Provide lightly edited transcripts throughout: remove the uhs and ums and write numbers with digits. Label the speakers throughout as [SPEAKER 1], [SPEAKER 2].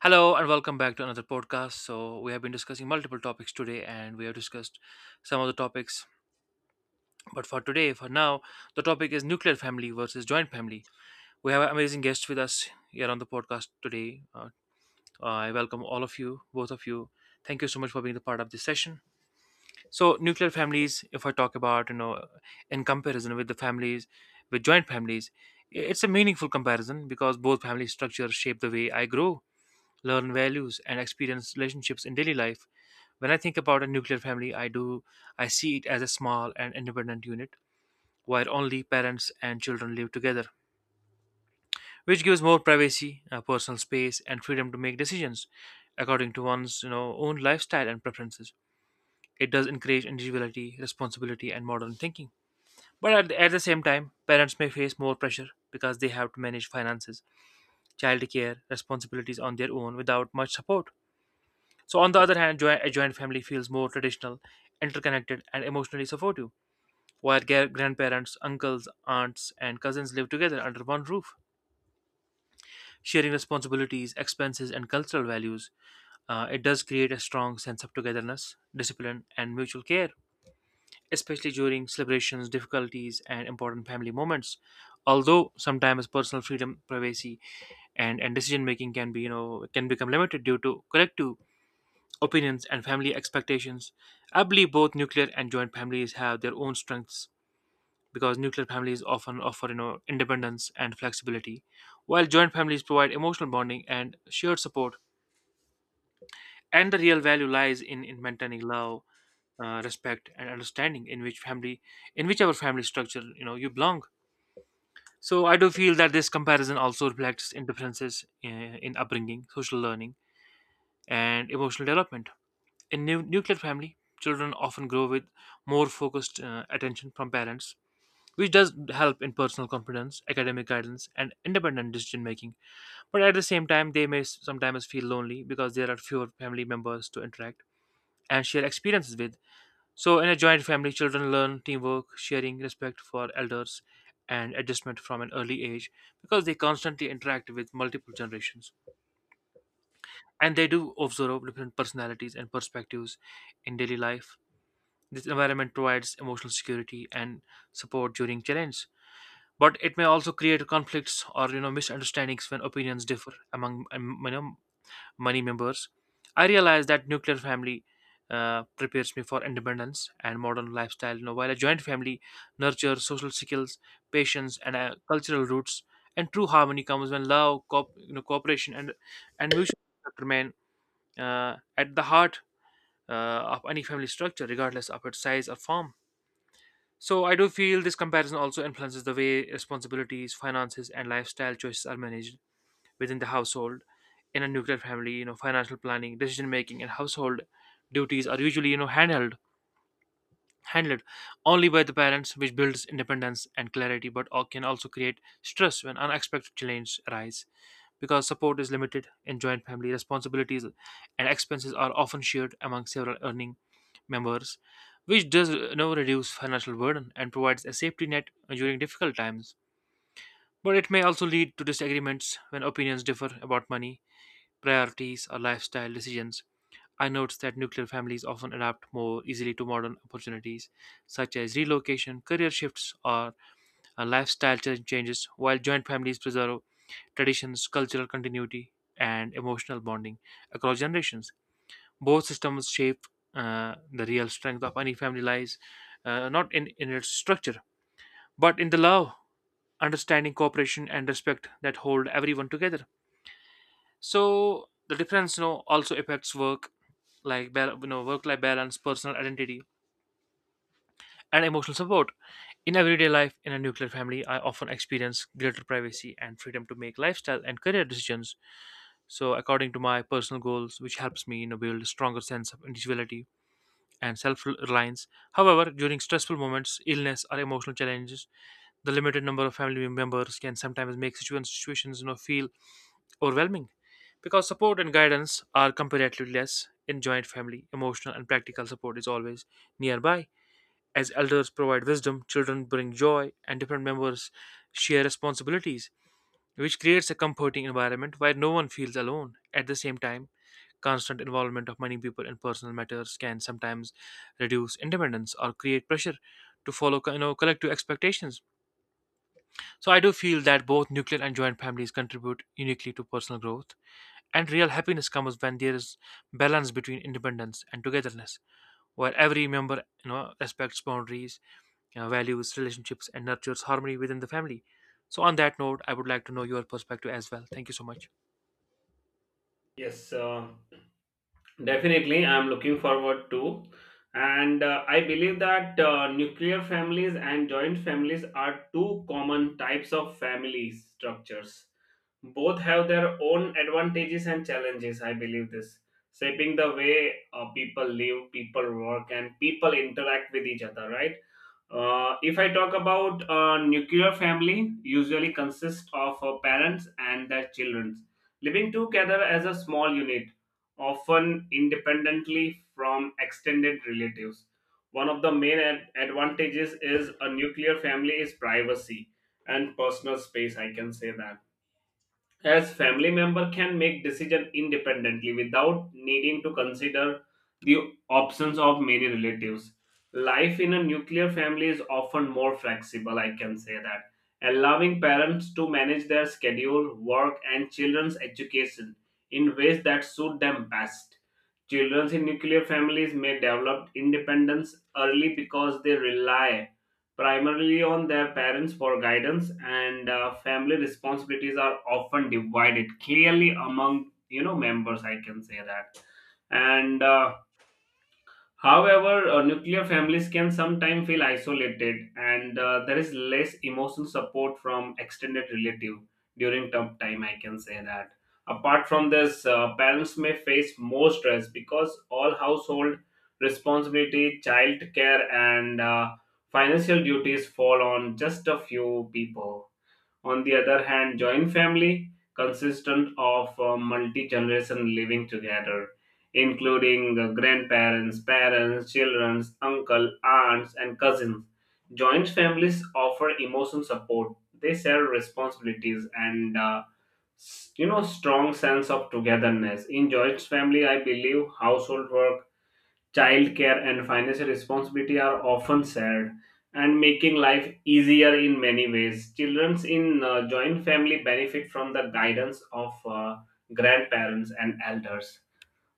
[SPEAKER 1] Hello and welcome back to another podcast. So, we have been discussing multiple topics today and we have discussed some of the topics. But for today, for now, the topic is nuclear family versus joint family. We have an amazing guest with us here on the podcast today. I welcome all of you, both of you. Thank you so much for being the part of this session. So, nuclear families, if I talk about, in comparison with the families, with joint families, it's a meaningful comparison because both family structures shape the way I grow learn values, and experience relationships in daily life. When I think about a nuclear family, I see it as a small and independent unit where only parents and children live together, which gives more privacy, personal space, and freedom to make decisions according to one's own lifestyle and preferences. It does encourage individuality, responsibility, and modern thinking. But at the same time, parents may face more pressure because they have to manage finances, childcare, responsibilities on their own without much support. So, on the other hand, a joint family feels more traditional, interconnected, and emotionally supportive, while grandparents, uncles, aunts, and cousins live together under one roof, sharing responsibilities, expenses, and cultural values. It does create a strong sense of togetherness, discipline, and mutual care, especially during celebrations, difficulties, and important family moments. Although sometimes personal freedom, privacy, and decision making can be, can become limited due to collective opinions and family expectations. I believe both nuclear and joint families have their own strengths because nuclear families often offer independence and flexibility, while joint families provide emotional bonding and shared support. And the real value lies in maintaining love, respect, and understanding in which family, in whichever family structure you belong. So I do feel that this comparison also reflects in differences in upbringing, social learning, and emotional development. In nuclear family, children often grow with more focused attention from parents, which does help in personal confidence, academic guidance, and independent decision making. But at the same time, they may sometimes feel lonely because there are fewer family members to interact and share experiences with. So, in a joint family, children learn teamwork, sharing, respect for elders, and adjustment from an early age because they constantly interact with multiple generations. And they do observe different personalities and perspectives in daily life. This environment provides emotional security and support during challenge, but it may also create conflicts or misunderstandings when opinions differ among many members. I realize that nuclear family prepares me for independence and modern lifestyle. You know, while a joint family nurtures social skills, patience, and cultural roots. And true harmony comes when love, cooperation, and mutual respect remain at the heart of any family structure, regardless of its size or form. So I do feel this comparison also influences the way responsibilities, finances, and lifestyle choices are managed within the household. In a nuclear family, financial planning, decision making, and household duties are usually you know handheld handled only by the parents, which builds independence and clarity, but can also create stress when unexpected challenges arise. Because support is limited in joint family, responsibilities and expenses are often shared among several earning members, which does reduce financial burden and provides a safety net during difficult times. But it may also lead to disagreements when opinions differ about money, priorities, or lifestyle decisions. I noticed that nuclear families often adapt more easily to modern opportunities, such as relocation, career shifts, or lifestyle changes, while joint families preserve traditions, cultural continuity, and emotional bonding across generations. Both systems shape the real strength of any family lies not in its structure, but in the love, understanding, cooperation, and respect that hold everyone together. So the difference also affects work, like work life balance, personal identity, and emotional support in everyday life. In a nuclear family, I often experience greater privacy and freedom to make lifestyle and career decisions so according to my personal goals, which helps me build a stronger sense of individuality and self-reliance. However, during stressful moments, illness, or emotional challenges, the limited number of family members can sometimes make situations feel overwhelming because support and guidance are comparatively less. In joint family, emotional and practical support is always nearby. As elders provide wisdom, children bring joy, and different members share responsibilities, which creates a comforting environment where no one feels alone. At the same time, constant involvement of many people in personal matters can sometimes reduce independence or create pressure to follow collective expectations. So I do feel that both nuclear and joint families contribute uniquely to personal growth and real happiness comes when there is balance between independence and togetherness, where every member respects boundaries, values relationships, and nurtures harmony within the family. So, on that note, I would like to know your perspective as well. Thank you so much.
[SPEAKER 2] Yes, definitely. I'm looking forward to. And I believe that nuclear families and joint families are two common types of family structures. Both have their own advantages and challenges, I believe this, shaping the way people live, people work, and people interact with each other, right? If I talk about nuclear family, usually consists of parents and their children living together as a small unit, often independently from extended relatives. One of the main advantages is a nuclear family is privacy and personal space, I can say that, as family member can make decision independently without needing to consider the options of many relatives. Life in a nuclear family is often more flexible, I can say that, allowing parents to manage their schedule work and children's education in ways that suit them best. Children in nuclear families may develop independence early because they rely primarily on their parents for guidance, and family responsibilities are often divided clearly among members, I can say that. And However, nuclear families can sometimes feel isolated, and there is less emotional support from extended relative during tough time. I can say that. Apart from this, parents may face more stress because all household responsibility, child care, and financial duties fall on just a few people. On the other hand, joint family consistent of multi-generation living together, including grandparents, parents, children, uncle, aunts, and cousins. Joint families offer emotional support. They share responsibilities and strong sense of togetherness. In joint family, I believe household work, childcare, and financial responsibility are often shared, and making life easier in many ways. Children in joint family benefit from the guidance of grandparents and elders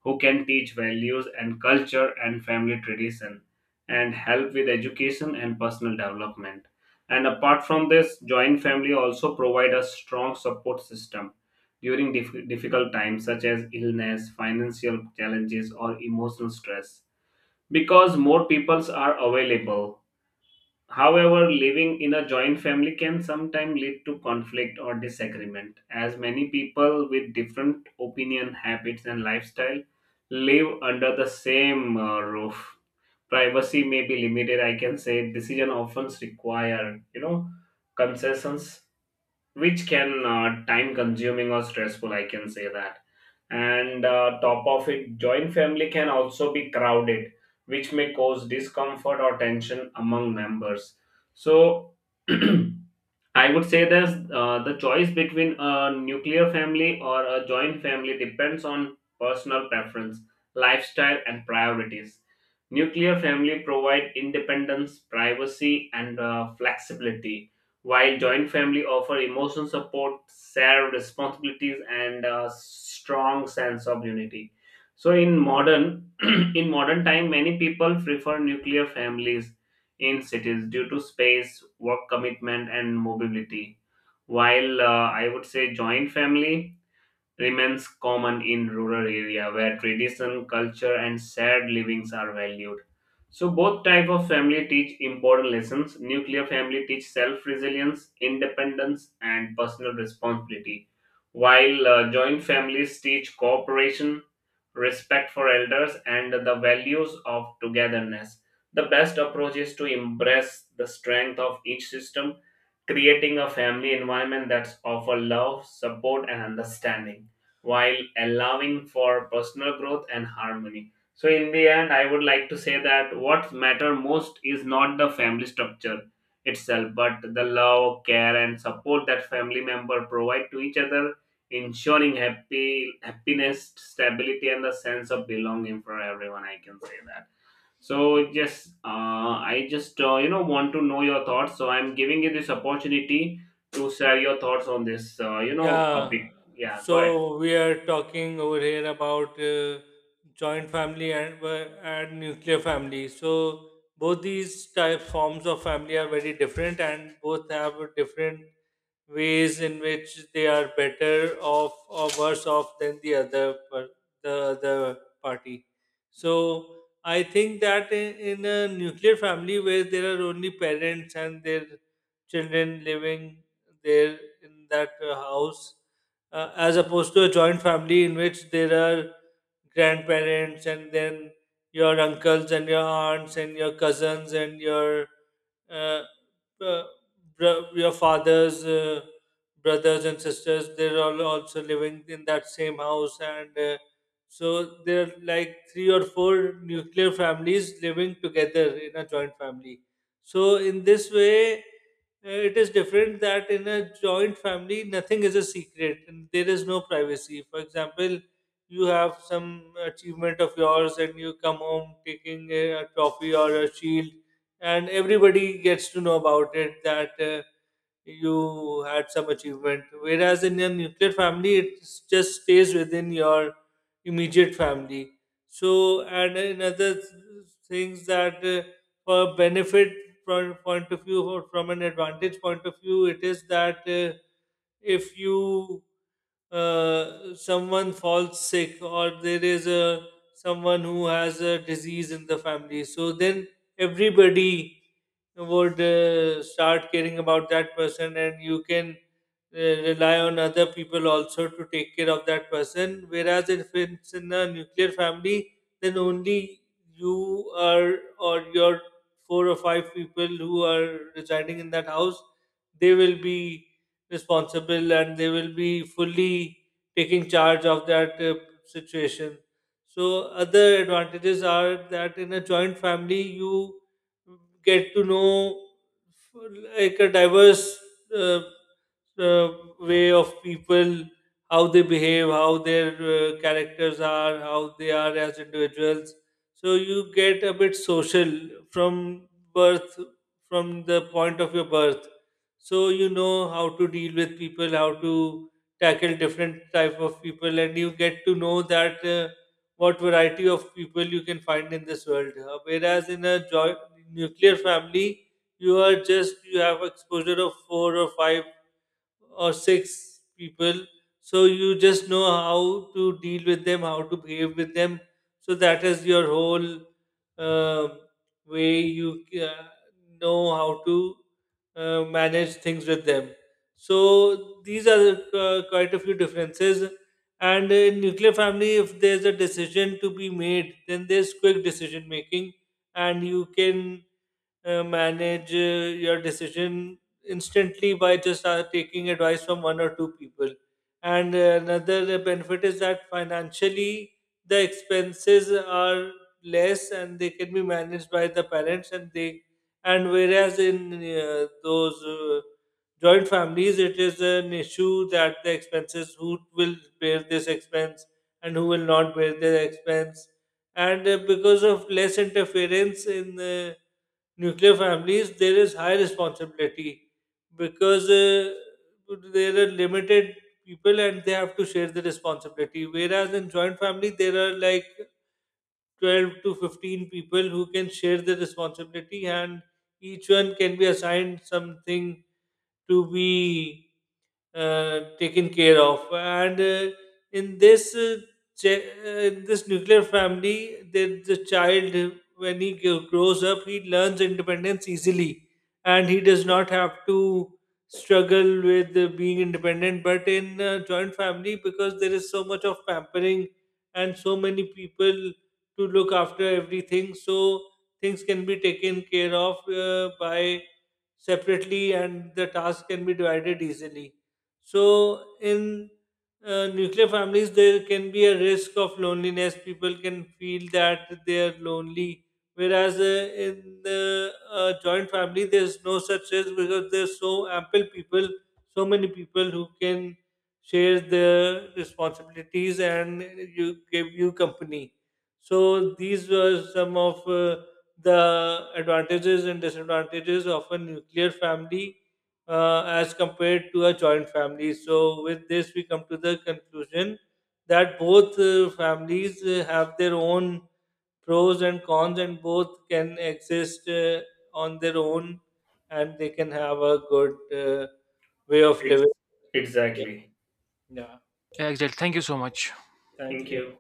[SPEAKER 2] who can teach values and culture and family tradition, and help with education and personal development. And apart from this, joint family also provide a strong support system during difficult times such as illness, financial challenges, or emotional stress because more peoples are available. However, living in a joint family can sometimes lead to conflict or disagreement, as many people with different opinion, habits, and lifestyle live under the same roof. Privacy may be limited, I can say. Decision often require concessions, which can time consuming or stressful, I can say that. And top of it, joint family can also be crowded, which may cause discomfort or tension among members. So I would say that the choice between a nuclear family or a joint family depends on personal preference, lifestyle, and priorities. Nuclear family provide independence, privacy, and flexibility, while joint family offer emotional support, shared responsibilities, and a strong sense of unity. So in modern in modern time, many people prefer nuclear families in cities due to space, work commitment, and mobility. While I would say joint family remains common in rural area where tradition, culture, and shared livings are valued. So both type of family teach important lessons. Nuclear family teach self-resilience, independence, and personal responsibility, while joint families teach cooperation, respect for elders, and the values of togetherness. The best approach is to embrace the strength of each system, creating a family environment that's offer love, support, and understanding while allowing for personal growth and harmony. So, in the end, I would like to say that what matter most is not the family structure itself, but the love, care, and support that family member provide to each other, ensuring happy happiness, stability, and a sense of belonging for everyone. I can say that. So just I just want to know your thoughts. So I'm giving you this opportunity to share your thoughts on this
[SPEAKER 3] Yeah,
[SPEAKER 2] topic. Yeah, go ahead.
[SPEAKER 3] so we are talking over here about joint family and nuclear family. So both these type forms of family are very different, and both have a different ways in which they are better off or worse off than the other party. So I think that in a nuclear family where there are only parents and their children living there in that house, as opposed to a joint family in which there are grandparents and then your uncles and your aunts and your cousins and your uh, uh, your father's brothers and sisters, they're all also living in that same house, and so there are like three or four nuclear families living together in a joint family. So in this way, it is different that in a joint family nothing is a secret and there is no privacy. For example, you have some achievement of yours and you come home taking a trophy or a shield and everybody gets to know about it, that you had some achievement, whereas in your nuclear family it just stays within your immediate family. So, and another things that for benefit from point of view or from an advantage point of view, it is that if you someone falls sick or there is a someone who has a disease in the family, so then everybody would start caring about that person and you can uh, rely on other people also to take care of that person, whereas if it's in a nuclear family, then only you are or your four or five people who are residing in that house, they will be responsible and they will be fully taking charge of that situation. So other advantages are that in a joint family you get to know like a diverse uh, uh, way of people, how they behave, how their characters are, how they are as individuals. So you get a bit social from birth, from the point of your birth. So you know how to deal with people, how to tackle different type of people, and you get to know that. What variety of people you can find in this world. Whereas in a joint nuclear family, you are just you have exposure of four or five or six people. So you just know how to deal with them, how to behave with them. So that is your whole uh, way you know how to manage things with them. So these are quite a few differences. And in nuclear family, if there's a decision to be made, then there's quick decision making, and you can manage your decision instantly by just taking advice from one or two people. And another benefit is that financially the expenses are less and they can be managed by the parents and they, and whereas in those joint families it is an issue that the expenses, who will bear this expense and who will not bear the expense. And because of less interference in the nuclear families, there is high responsibility because there are limited people and they have to share the responsibility. Whereas in joint family, there are like 12 to 15 people who can share the responsibility and each one can be assigned something to be taken care of. And in this uh, in this nuclear family, the child when he grows up, he learns independence easily, and he does not have to struggle with being independent. But in a joint family, because there is so much of pampering and so many people to look after everything, so things can be taken care of by separately and the task can be divided easily. So in nuclear families, there can be a risk of loneliness. People can feel that they are lonely. Whereas in the joint family, there's no such risk because there's so ample people, so many people who can share their responsibilities and you give you company. So these were some of the advantages and disadvantages of a nuclear family as compared to a joint family. So, with this, we come to the conclusion that both families have their own pros and cons, and both can exist on their own and they can have a good way of
[SPEAKER 2] Ex-
[SPEAKER 3] living. Yeah.
[SPEAKER 2] Exactly.
[SPEAKER 3] Yeah.
[SPEAKER 1] Exactly. Thank you so much.
[SPEAKER 3] Thank
[SPEAKER 2] Thank
[SPEAKER 3] you.
[SPEAKER 2] you.